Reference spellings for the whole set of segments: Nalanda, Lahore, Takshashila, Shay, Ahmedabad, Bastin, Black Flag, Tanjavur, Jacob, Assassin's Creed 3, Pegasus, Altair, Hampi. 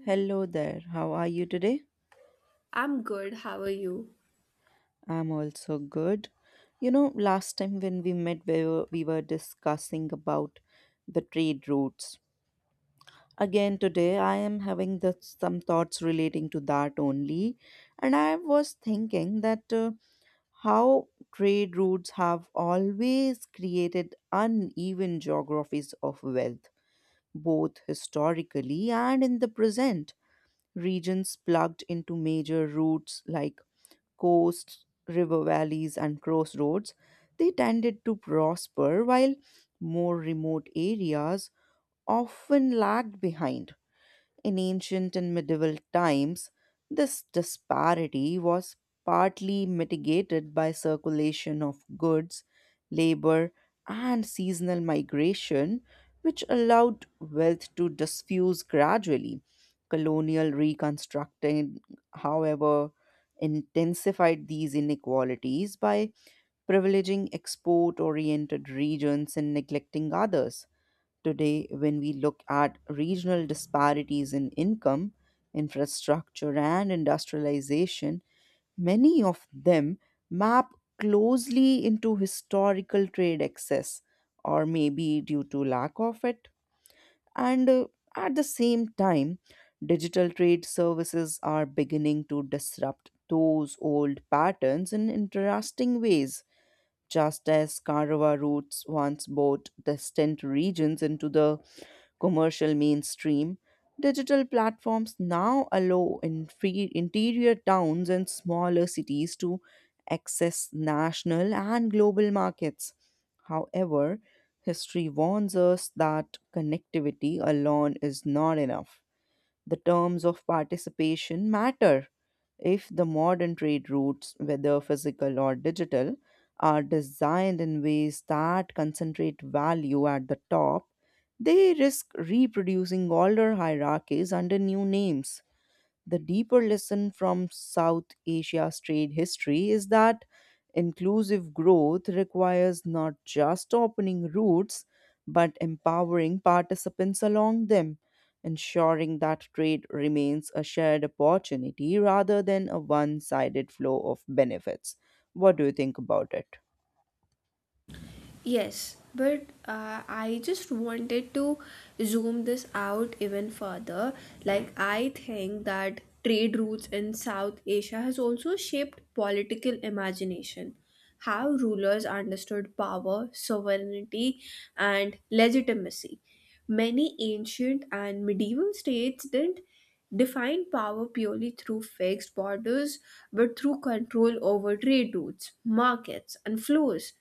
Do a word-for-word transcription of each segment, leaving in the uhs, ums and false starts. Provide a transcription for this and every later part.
Hello there. How are you today? I'm good. How are you? I'm also good. You know, last time when we met, we were, we were discussing about the trade routes. Again, today I am having the, some thoughts relating to that only. And I was thinking that uh, how trade routes have always created uneven geographies of wealth, both historically and in the present. Regions plugged into major routes like coasts, river valleys, and crossroads, they tended to prosper while more remote areas often lagged behind. In ancient and medieval times, this disparity was partly mitigated by circulation of goods, labor, and seasonal migration, which allowed wealth to diffuse gradually. Colonial reconstructing, however, intensified these inequalities by privileging export oriented regions and neglecting others. Today when we look at regional disparities in income, infrastructure, and industrialization, many of them map closely into historical trade excess, or maybe due to lack of it. And uh, at the same time, digital trade services are beginning to disrupt those old patterns in interesting ways, just as Karawa routes once brought distant regions into the commercial mainstream. Digital platforms now allow infre- interior towns and smaller cities to access national and global markets. However, history warns us that connectivity alone is not enough. The terms of participation matter. If the modern trade routes, whether physical or digital, are designed in ways that concentrate value at the top, they risk reproducing older hierarchies under new names. The deeper lesson from South Asia's trade history is that inclusive growth requires not just opening routes, but empowering participants along them, ensuring that trade remains a shared opportunity rather than a one sided flow of benefits. What do you think about it? Yes, but uh, I just wanted to zoom this out even further. Like, I think that trade routes in South Asia has also shaped political imagination. How rulers understood power, sovereignty, and legitimacy. Many ancient and medieval states didn't define power purely through fixed borders, but through control over trade routes, markets, and flows.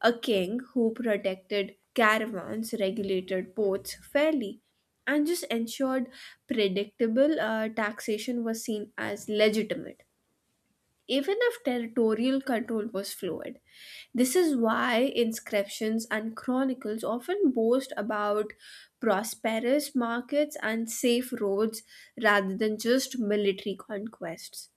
A king who protected caravans, regulated ports fairly, and just ensured predictable uh, taxation was seen as legitimate, even if territorial control was fluid. This is why inscriptions and chronicles often boast about prosperous markets and safe roads rather than just military conquests.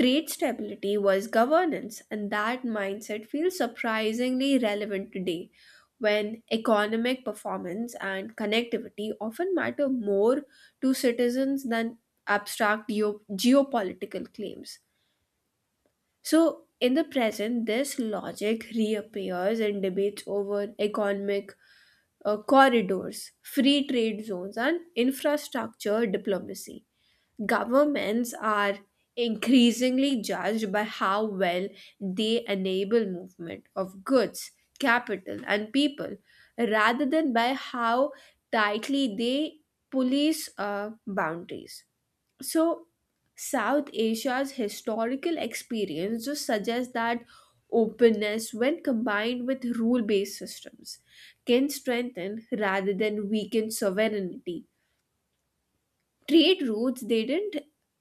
Trade stability was governance, and that mindset feels surprisingly relevant today when economic performance and connectivity often matter more to citizens than abstract geo- geopolitical claims. So, in the present, this logic reappears in debates over economic uh, corridors, free trade zones, and infrastructure diplomacy. Governments are increasingly judged by how well they enable movement of goods, capital, and people, rather than by how tightly they police uh, boundaries. So, South Asia's historical experience just suggests that openness, when combined with rule based systems, can strengthen rather than weaken sovereignty. Trade routes, they didn't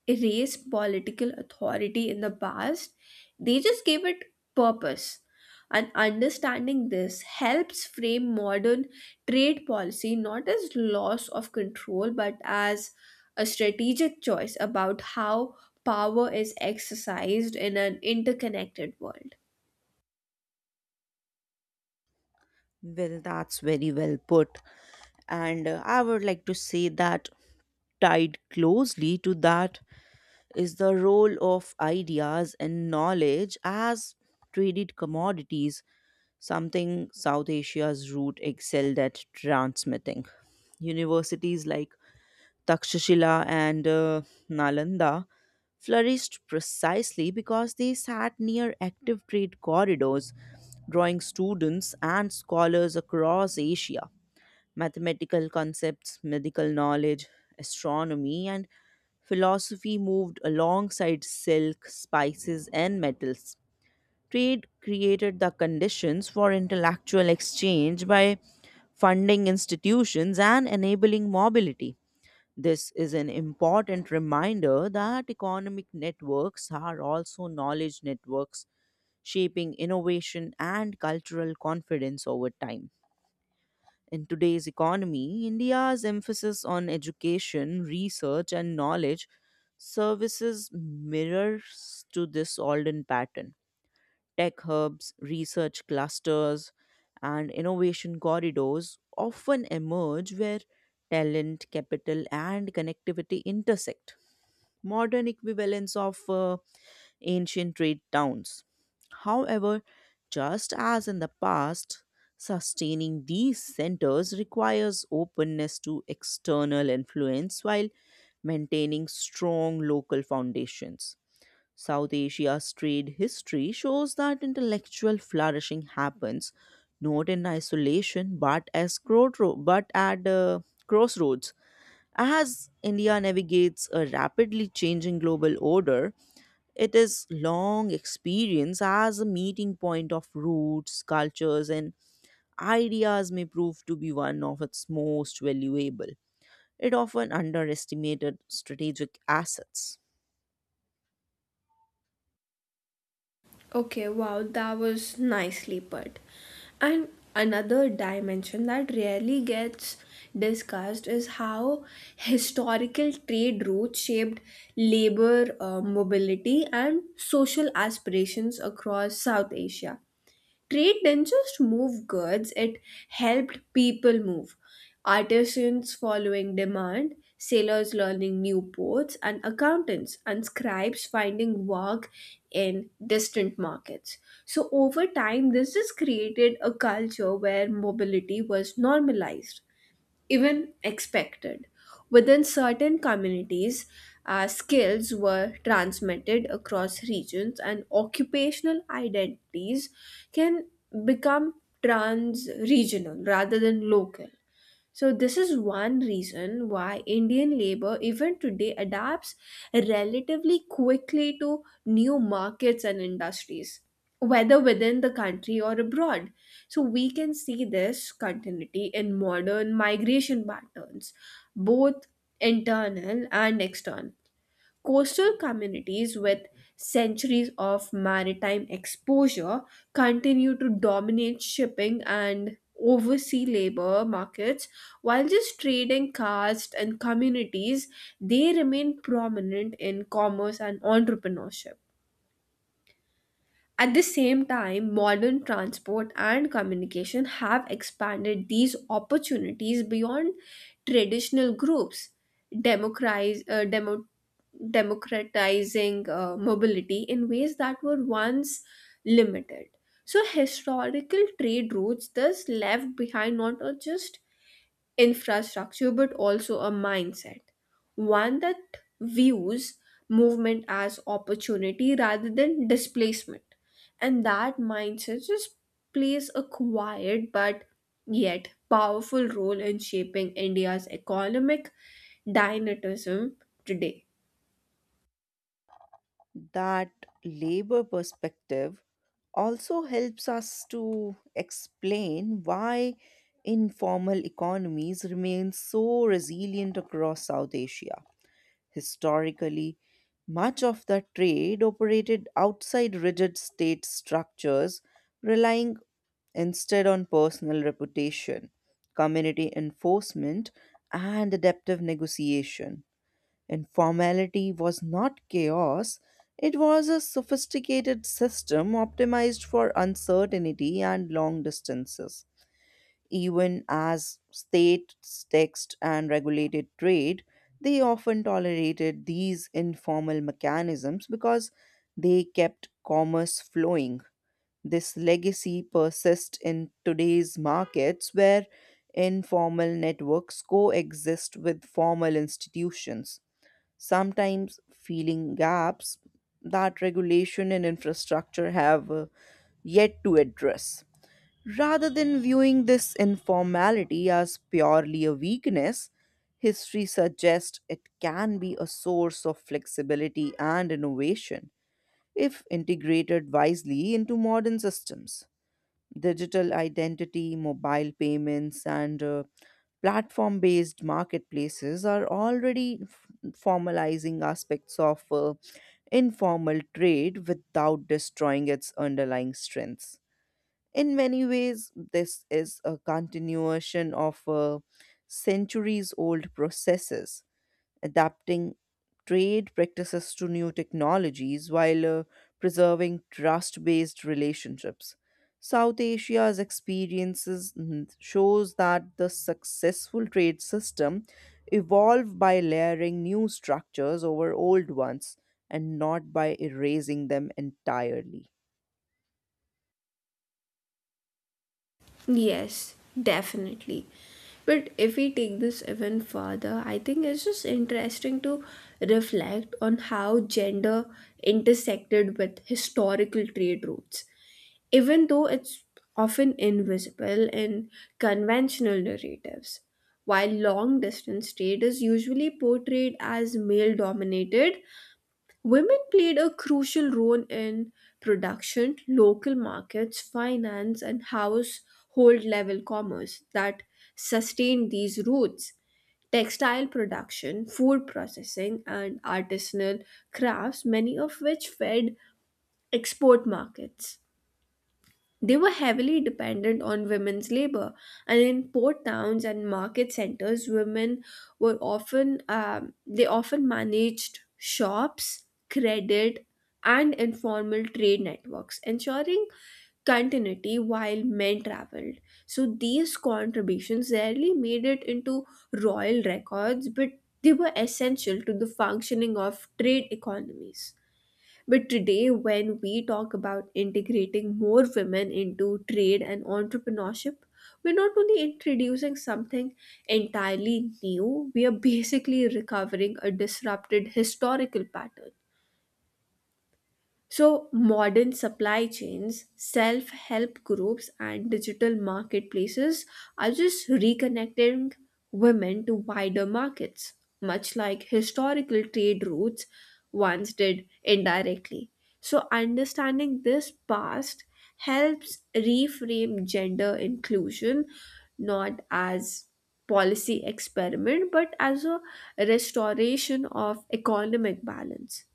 erase political authority in the past, they just gave it purpose. And understanding this helps frame modern trade policy not as loss of control but as a strategic choice about how power is exercised in an interconnected world. Well, that's very well put. And uh, I would like to say that tied closely to that is the role of ideas and knowledge as traded commodities, something South Asia's root excelled at transmitting. Universities like Takshashila and uh, Nalanda flourished precisely because they sat near active trade corridors, drawing students and scholars across Asia. Mathematical concepts, medical knowledge, astronomy, and philosophy moved alongside silk, spices, and metals. Trade created the conditions for intellectual exchange by funding institutions and enabling mobility. This is an important reminder that economic networks are also knowledge networks, shaping innovation and cultural confidence over time. In today's economy, India's emphasis on education, research, and knowledge services mirrors to this olden pattern. Tech hubs, research clusters, and innovation corridors often emerge where talent, capital, and connectivity intersect. Modern equivalents of uh, ancient trade towns. However, just as in the past, sustaining these centers requires openness to external influence while maintaining strong local foundations. South Asia's trade history shows that intellectual flourishing happens not in isolation, but as crossro- but at uh, crossroads. As India navigates a rapidly changing global order, it is long experience as a meeting point of roots, cultures, and ideas may prove to be one of its most valuable. It often underestimated strategic assets. Okay, wow, that was nicely put. And another dimension that rarely gets discussed is how historical trade routes shaped labor uh, mobility and social aspirations across South Asia. Trade didn't just move goods, it helped people move. Artisans following demand, sailors learning new ports, and accountants and scribes finding work in distant markets. So, over time, this just created a culture where mobility was normalized, even expected. Within certain communities, uh, skills were transmitted across regions, and occupational identities can become trans regional rather than local. So this is one reason why Indian labor even today adapts relatively quickly to new markets and industries, whether within the country or abroad. So we can see this continuity in modern migration patterns, both internal and external. Coastal communities with centuries of maritime exposure continue to dominate shipping and oversea labor markets, while just trading castes and communities, they remain prominent in commerce and entrepreneurship. At the same time, modern transport and communication have expanded these opportunities beyond traditional groups, democratize, uh, demo, democratizing uh, mobility in ways that were once limited. So, historical trade routes thus left behind not uh, just infrastructure but also a mindset, one that views movement as opportunity rather than displacement. And that mindset just plays a quiet but yet powerful role in shaping India's economic dynamism today. That labor perspective also helps us to explain why informal economies remain so resilient across South Asia. Historically, much of the trade operated outside rigid state structures, relying instead on personal reputation, community enforcement, and adaptive negotiation. Informality was not chaos, it was a sophisticated system optimized for uncertainty and long distances. Even as states taxed and regulated trade, they often tolerated these informal mechanisms because they kept commerce flowing. This legacy persists in today's markets where informal networks coexist with formal institutions, sometimes filling gaps that regulation and infrastructure have uh, yet to address. Rather than viewing this informality as purely a weakness, history suggests it can be a source of flexibility and innovation if integrated wisely into modern systems. Digital identity, mobile payments, and uh, platform based marketplaces are already f- formalizing aspects of uh, informal trade without destroying its underlying strengths. In many ways, this is a continuation of uh, centuries old processes, adapting trade practices to new technologies while uh, preserving trust based relationships. South Asia's experiences mm, shows that the successful trade system evolved by layering new structures over old ones, and not by erasing them entirely. Yes, definitely. But if we take this even further, I think it's just interesting to reflect on how gender intersected with historical trade routes, even though it's often invisible in conventional narratives. While long distance trade is usually portrayed as male dominated, women played a crucial role in production, local markets, finance, and household level commerce that sustained these roots. Textile production, food processing, and artisanal crafts, many of which fed export markets. They were heavily dependent on women's labor, and in port towns and market centers, women were often um, they often managed shops, credit, and informal trade networks, ensuring continuity while men traveled. So these contributions rarely made it into royal records, but they were essential to the functioning of trade economies. But today, when we talk about integrating more women into trade and entrepreneurship, we're not only introducing something entirely new, we are basically recovering a disrupted historical pattern. So, modern supply chains, self help groups, and digital marketplaces are just reconnecting women to wider markets, much like historical trade routes once did indirectly. So, understanding this past helps reframe gender inclusion not as policy experiment but as a restoration of economic balance.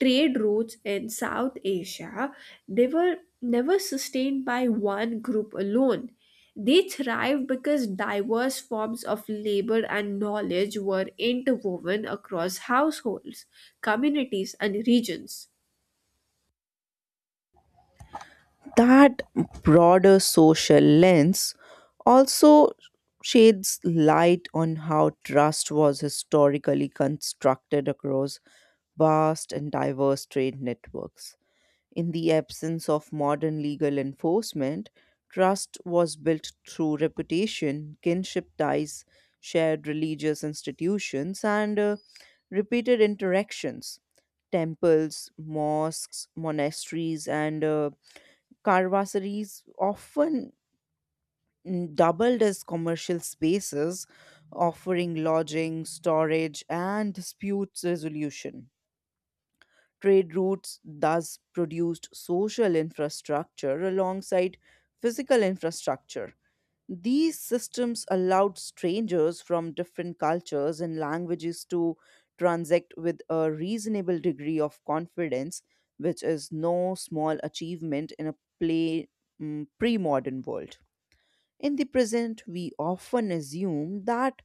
Trade routes in South Asia, they were never sustained by one group alone. They thrived because diverse forms of labor and knowledge were interwoven across households, communities, and regions. That broader social lens also sheds light on how trust was historically constructed across vast and diverse trade networks. In the absence of modern legal enforcement, trust was built through reputation, kinship ties, shared religious institutions, and uh, repeated interactions. Temples, mosques, monasteries, and uh, Carvasaries often mm, doubled as commercial spaces, offering lodging, storage, and dispute resolution. Trade routes thus produced social infrastructure alongside physical infrastructure. These systems allowed strangers from different cultures and languages to transact with a reasonable degree of confidence, which is no small achievement in a pre modern world. In the present, we often assume that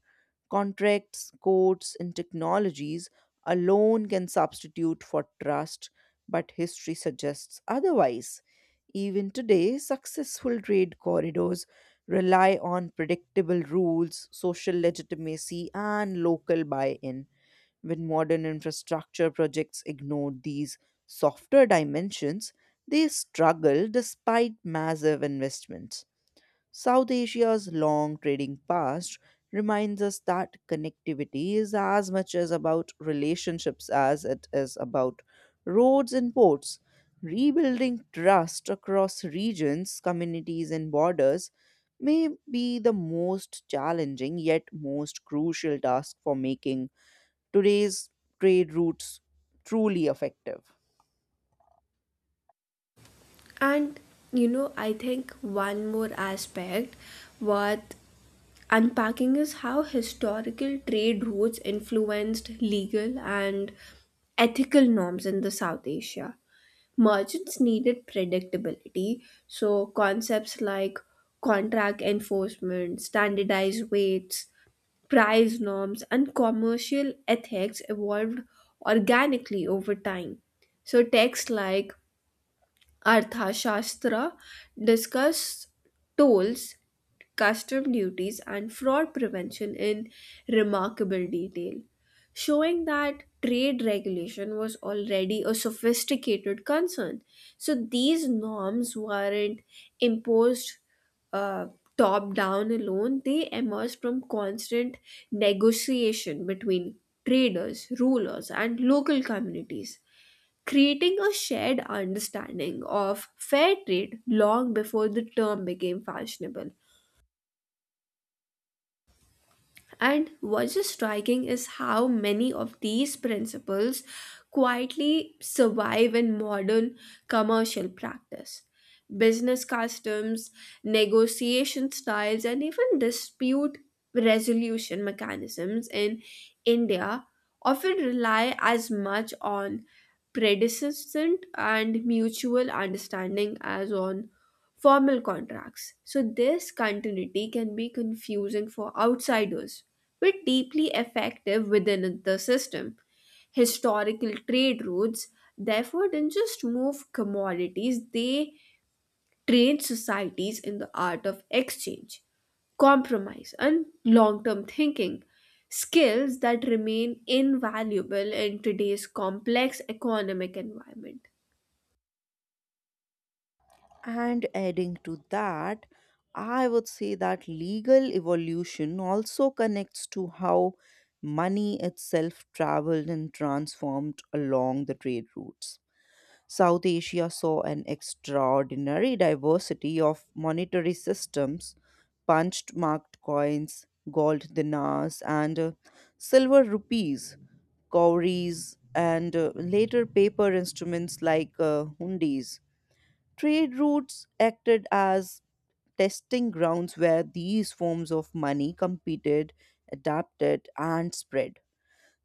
contracts, codes, and technologies alone can substitute for trust, but history suggests otherwise. Even today, successful trade corridors rely on predictable rules, social legitimacy, and local buy in. When modern infrastructure projects ignore these softer dimensions, they struggle despite massive investments. South Asia's long trading past reminds us that connectivity is as much as about relationships as it is about roads and ports. Rebuilding trust across regions, communities, and borders may be the most challenging yet most crucial task for making today's trade routes truly effective. And you know, I think one more aspect worth unpacking is how historical trade routes influenced legal and ethical norms in the South Asia. Merchants needed predictability, so concepts like contract enforcement, standardized weights, price norms, and commercial ethics evolved organically over time. So, texts like Arthashastra discuss tolls, custom duties, and fraud prevention in remarkable detail, showing that trade regulation was already a sophisticated concern. So these norms weren't imposed uh, top down alone, they emerged from constant negotiation between traders, rulers, and local communities, creating a shared understanding of fair trade long before the term became fashionable. And what's just striking is how many of these principles quietly survive in modern commercial practice. Business customs, negotiation styles, and even dispute resolution mechanisms in India often rely as much on predecessor and mutual understanding as on formal contracts. So, this continuity can be confusing for outsiders, but deeply effective within the system. Historical trade routes, therefore, didn't just move commodities, they trained societies in the art of exchange, compromise, and long term thinking. Skills that remain invaluable in today's complex economic environment. And adding to that, I would say that legal evolution also connects to how money itself traveled and transformed along the trade routes. South Asia saw an extraordinary diversity of monetary systems, punched marked coins, gold dinars, and uh, silver rupees, cowries, and uh, later paper instruments like uh, hundis. Trade routes acted as testing grounds where these forms of money competed, adapted, and spread.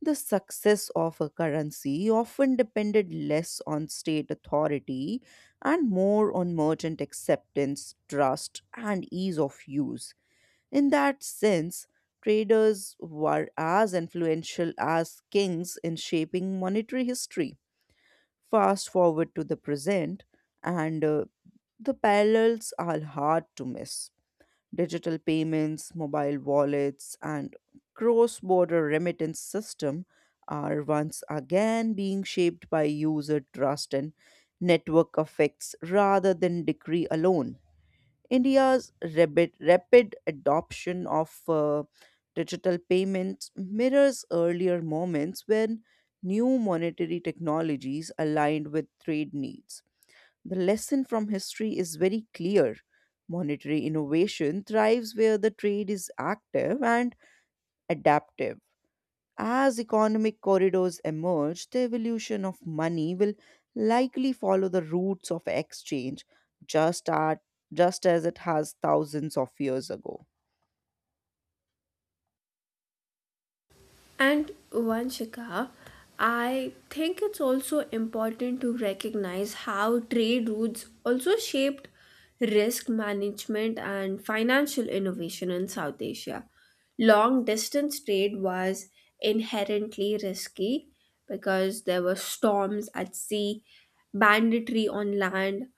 The success of a currency often depended less on state authority and more on merchant acceptance, trust, and ease of use. In that sense, traders were as influential as kings in shaping monetary history. Fast forward to the present, and uh, the parallels are hard to miss. Digital payments, mobile wallets, and cross border remittance system are once again being shaped by user trust and network effects rather than decree alone. India's rapid, rapid adoption of uh, digital payments mirrors earlier moments when new monetary technologies aligned with trade needs. The lesson from history is very clear. Monetary innovation thrives where the trade is active and adaptive. As economic corridors emerge, the evolution of money will likely follow the roots of exchange, just, at, just as it has thousands of years ago. And Vanshika, I think it's also important to recognize how trade routes also shaped risk management and financial innovation in South Asia. Long distance trade was inherently risky because there were storms at sea, banditry on land,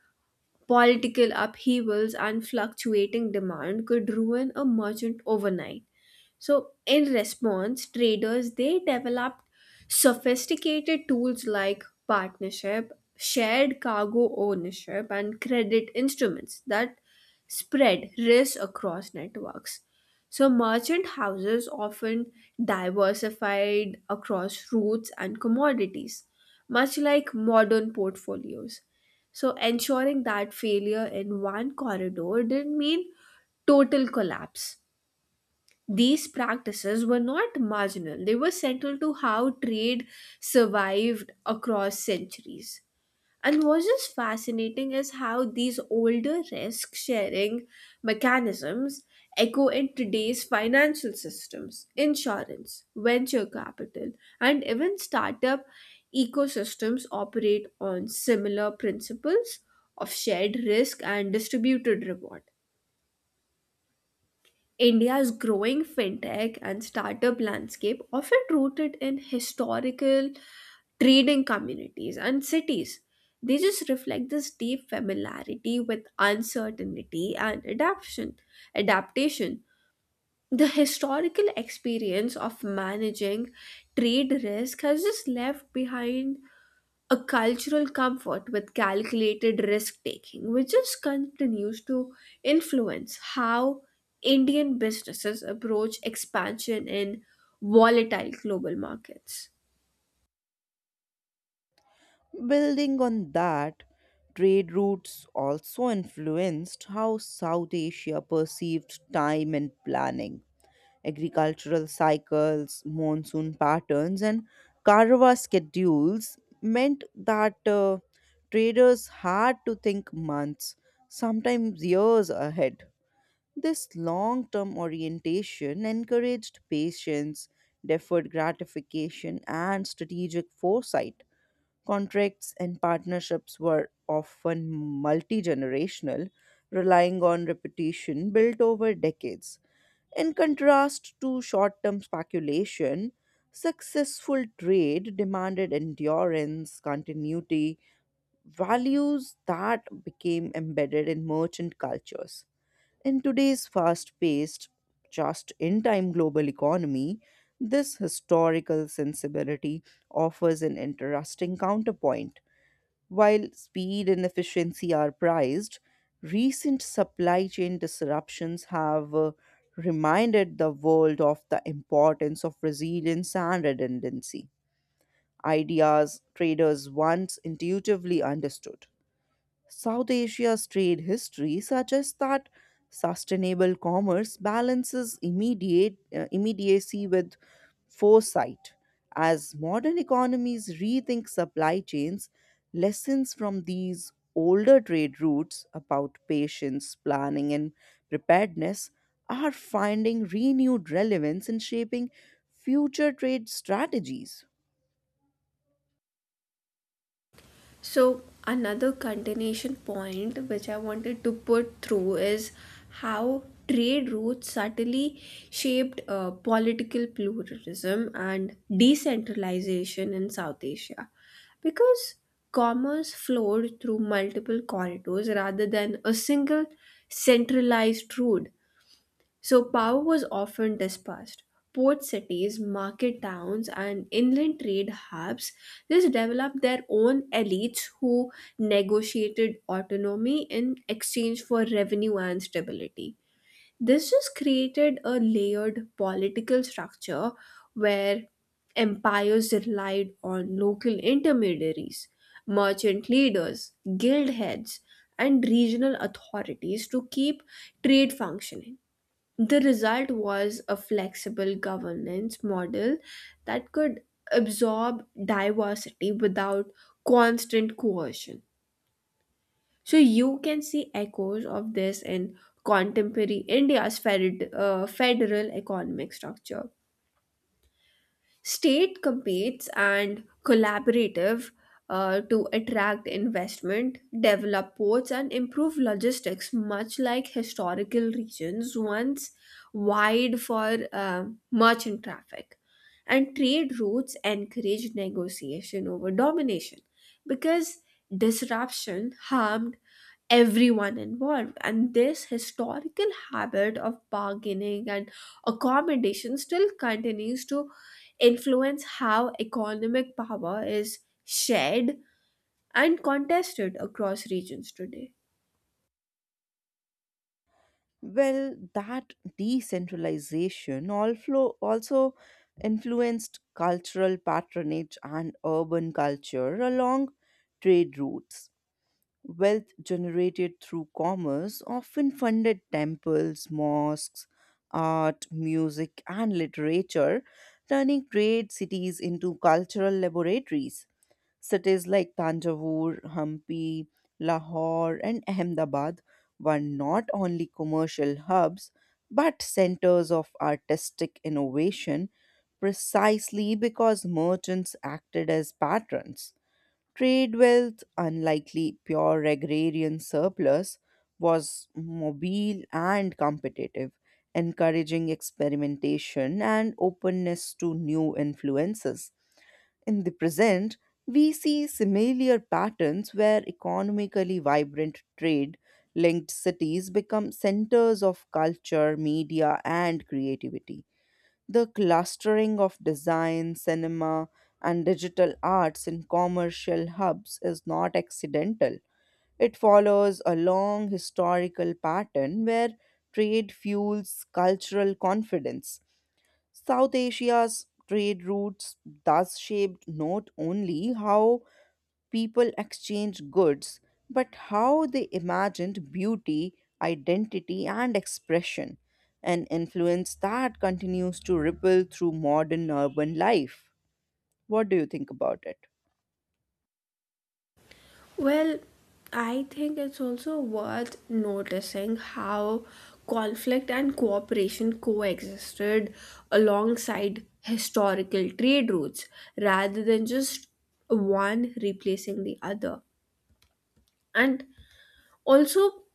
political upheavals, and fluctuating demand could ruin a merchant overnight. So, in response, traders they developed sophisticated tools like partnership, shared cargo ownership, and credit instruments that spread risk across networks. So, merchant houses often diversified across routes and commodities, much like modern portfolios, so ensuring that failure in one corridor didn't mean total collapse. These practices were not marginal, they were central to how trade survived across centuries. And what's just fascinating is how these older risk sharing mechanisms echo in today's financial systems. Insurance, venture capital, and even startup ecosystems operate on similar principles of shared risk and distributed reward. India's growing fintech and startup landscape, often rooted in historical trading communities and cities, they just reflect this deep familiarity with uncertainty and adaptation. Adaptation. The historical experience of managing trade risk has just left behind a cultural comfort with calculated risk taking, which just continues to influence how Indian businesses approach expansion in volatile global markets. Building on that, trade routes also influenced how South Asia perceived time and planning. Agricultural cycles, monsoon patterns, and Karawa schedules meant that uh, traders had to think months, sometimes years ahead. This long term orientation encouraged patience, deferred gratification, and strategic foresight. Contracts and partnerships were often multi generational, relying on reputation built over decades. In contrast to short term speculation, successful trade demanded endurance, continuity, values that became embedded in merchant cultures. In today's fast paced, just in time global economy, this historical sensibility offers an interesting counterpoint. While speed and efficiency are prized, recent supply chain disruptions have uh, reminded the world of the importance of resilience and redundancy, ideas traders once intuitively understood. South Asia's trade history suggests that sustainable commerce balances immediate, uh, immediacy with foresight. As modern economies rethink supply chains, lessons from these older trade routes about patience, planning, and preparedness are finding renewed relevance in shaping future trade strategies. So, another continuation point which I wanted to put through is how trade routes subtly shaped uh, political pluralism and decentralization in South Asia. Because commerce flowed through multiple corridors rather than a single centralized route, so power was often dispersed. Port cities, market towns, and inland trade hubs just developed their own elites who negotiated autonomy in exchange for revenue and stability. This just created a layered political structure where empires relied on local intermediaries, merchant leaders, guild heads, and regional authorities to keep trade functioning. The result was a flexible governance model that could absorb diversity without constant coercion. So you can see echoes of this in contemporary India's fed- uh, federal economic structure. State competes and collaborative uh, to attract investment, develop ports, and improve logistics, much like historical regions once wide for uh, merchant traffic. And trade routes encourage negotiation over domination because disruption harmed everyone involved. And this historical habit of bargaining and accommodation still continues to influence how economic power is shared and contested across regions today. Well, that decentralization also, also influenced cultural patronage and urban culture along trade routes. Wealth generated through commerce often funded temples, mosques, art, music, and literature, turning great cities into cultural laboratories. Cities like Tanjavur, Hampi, Lahore, and Ahmedabad were not only commercial hubs but centers of artistic innovation precisely because merchants acted as patrons. Trade wealth, unlikely pure agrarian surplus, was mobile and competitive, encouraging experimentation and openness to new influences. In the present, we see similar patterns where economically vibrant trade linked cities become centers of culture, media, and creativity. The clustering of design, cinema, and digital arts in commercial hubs is not accidental. It follows a long historical pattern where trade fuels cultural confidence. South Asia's trade routes thus shaped not only how people exchanged goods, but how they imagined beauty, identity, and expression, an influence that continues to ripple through modern urban life. What do you think about it? Well, I think it's also worth noticing how conflict and cooperation coexisted alongside historical trade routes rather than just one replacing the other. And also,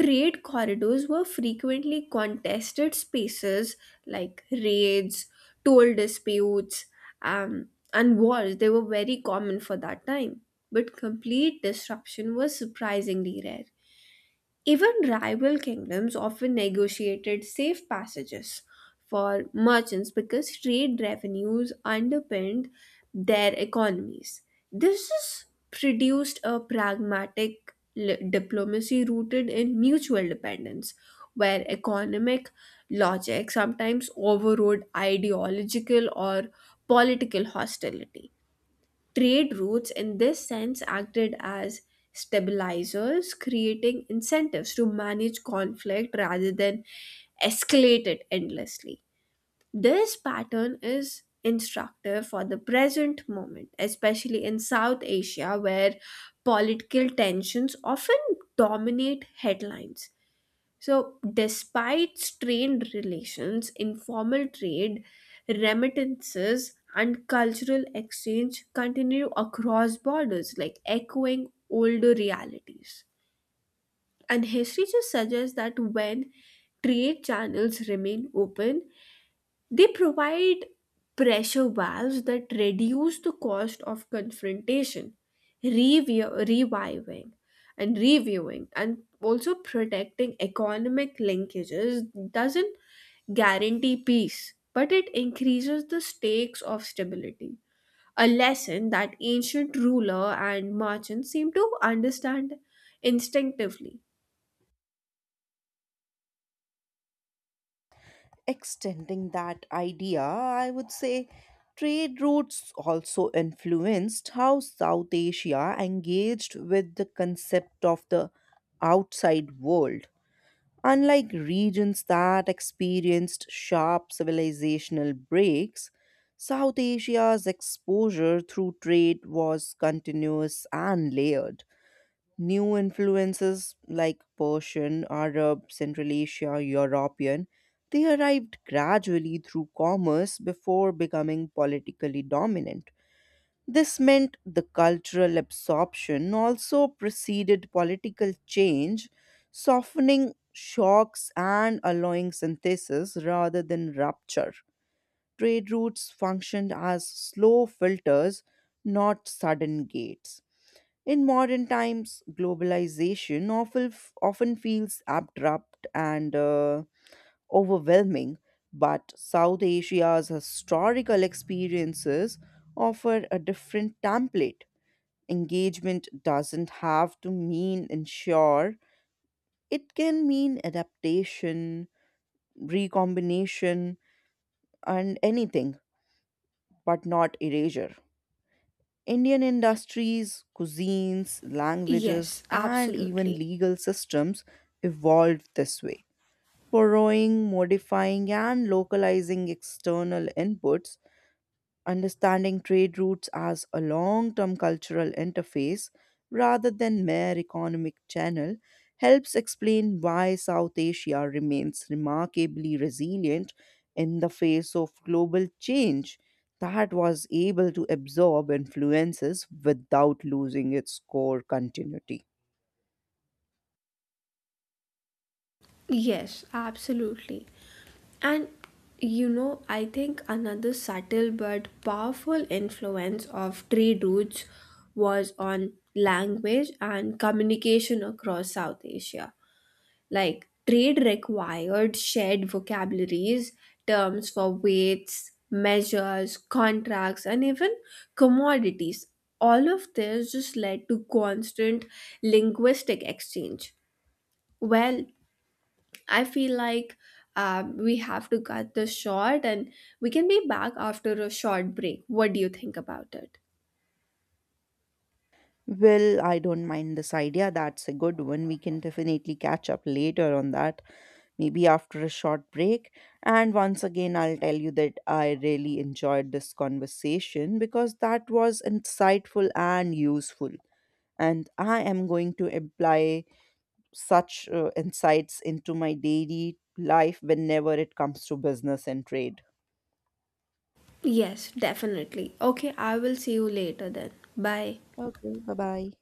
trade corridors were frequently contested spaces like raids, toll disputes, um, and wars. They were very common for that time. But complete disruption was surprisingly rare. Even rival kingdoms often negotiated safe passages for merchants because trade revenues underpinned their economies. This has produced a pragmatic li- diplomacy rooted in mutual dependence, where economic logic sometimes overrode ideological or political hostility. Trade routes, in this sense, acted as stabilizers, creating incentives to manage conflict rather than escalate it endlessly. This pattern is instructive for the present moment, especially in South Asia, where political tensions often dominate headlines. So, despite strained relations, informal trade, remittances, and cultural exchange continue across borders, like echoing older realities. And history just suggests that when trade channels remain open, they provide pressure valves that reduce the cost of confrontation, review, reviving and reviewing, and also protecting economic linkages doesn't guarantee peace, but it increases the stakes of stability. A lesson that ancient ruler and merchant seem to understand instinctively. Extending that idea, I would say trade routes also influenced how South Asia engaged with the concept of the outside world. Unlike regions that experienced sharp civilizational breaks, South Asia's exposure through trade was continuous and layered. New influences like Persian, Arab, Central Asia, European, they arrived gradually through commerce before becoming politically dominant. This meant the cultural absorption also preceded political change, softening shocks and allowing synthesis rather than rupture. Trade routes functioned as slow filters, not sudden gates. In modern times, globalization often, often feels abrupt and uh, overwhelming, but South Asia's historical experiences offer a different template. Engagement doesn't have to mean ensure, it can mean adaptation, recombination, and anything, but not erasure. Indian industries, cuisines, languages, Yes, and even absolutely. legal systems evolved this way. Borrowing, modifying, and localizing external inputs, understanding trade routes as a long term cultural interface rather than mere economic channel helps explain why South Asia remains remarkably resilient in the face of global change, that was able to absorb influences without losing its core continuity. Yes, absolutely. And you know, I think another subtle but powerful influence of trade routes was on language and communication across South Asia. Like, trade required shared vocabularies, terms for weights, measures, contracts, and even commodities. All of this just led to constant linguistic exchange. Well, I feel like um, we have to cut this short and we can be back after a short break. What do you think about it? Well, I don't mind this idea. That's a good one. We can definitely catch up later on that, maybe after a short break. And once again, I'll tell you that I really enjoyed this conversation because that was insightful and useful. And I am going to apply such uh, insights into my daily life whenever it comes to business and trade. Yes, definitely. Okay, I will see you later then. Bye. Okay, bye bye.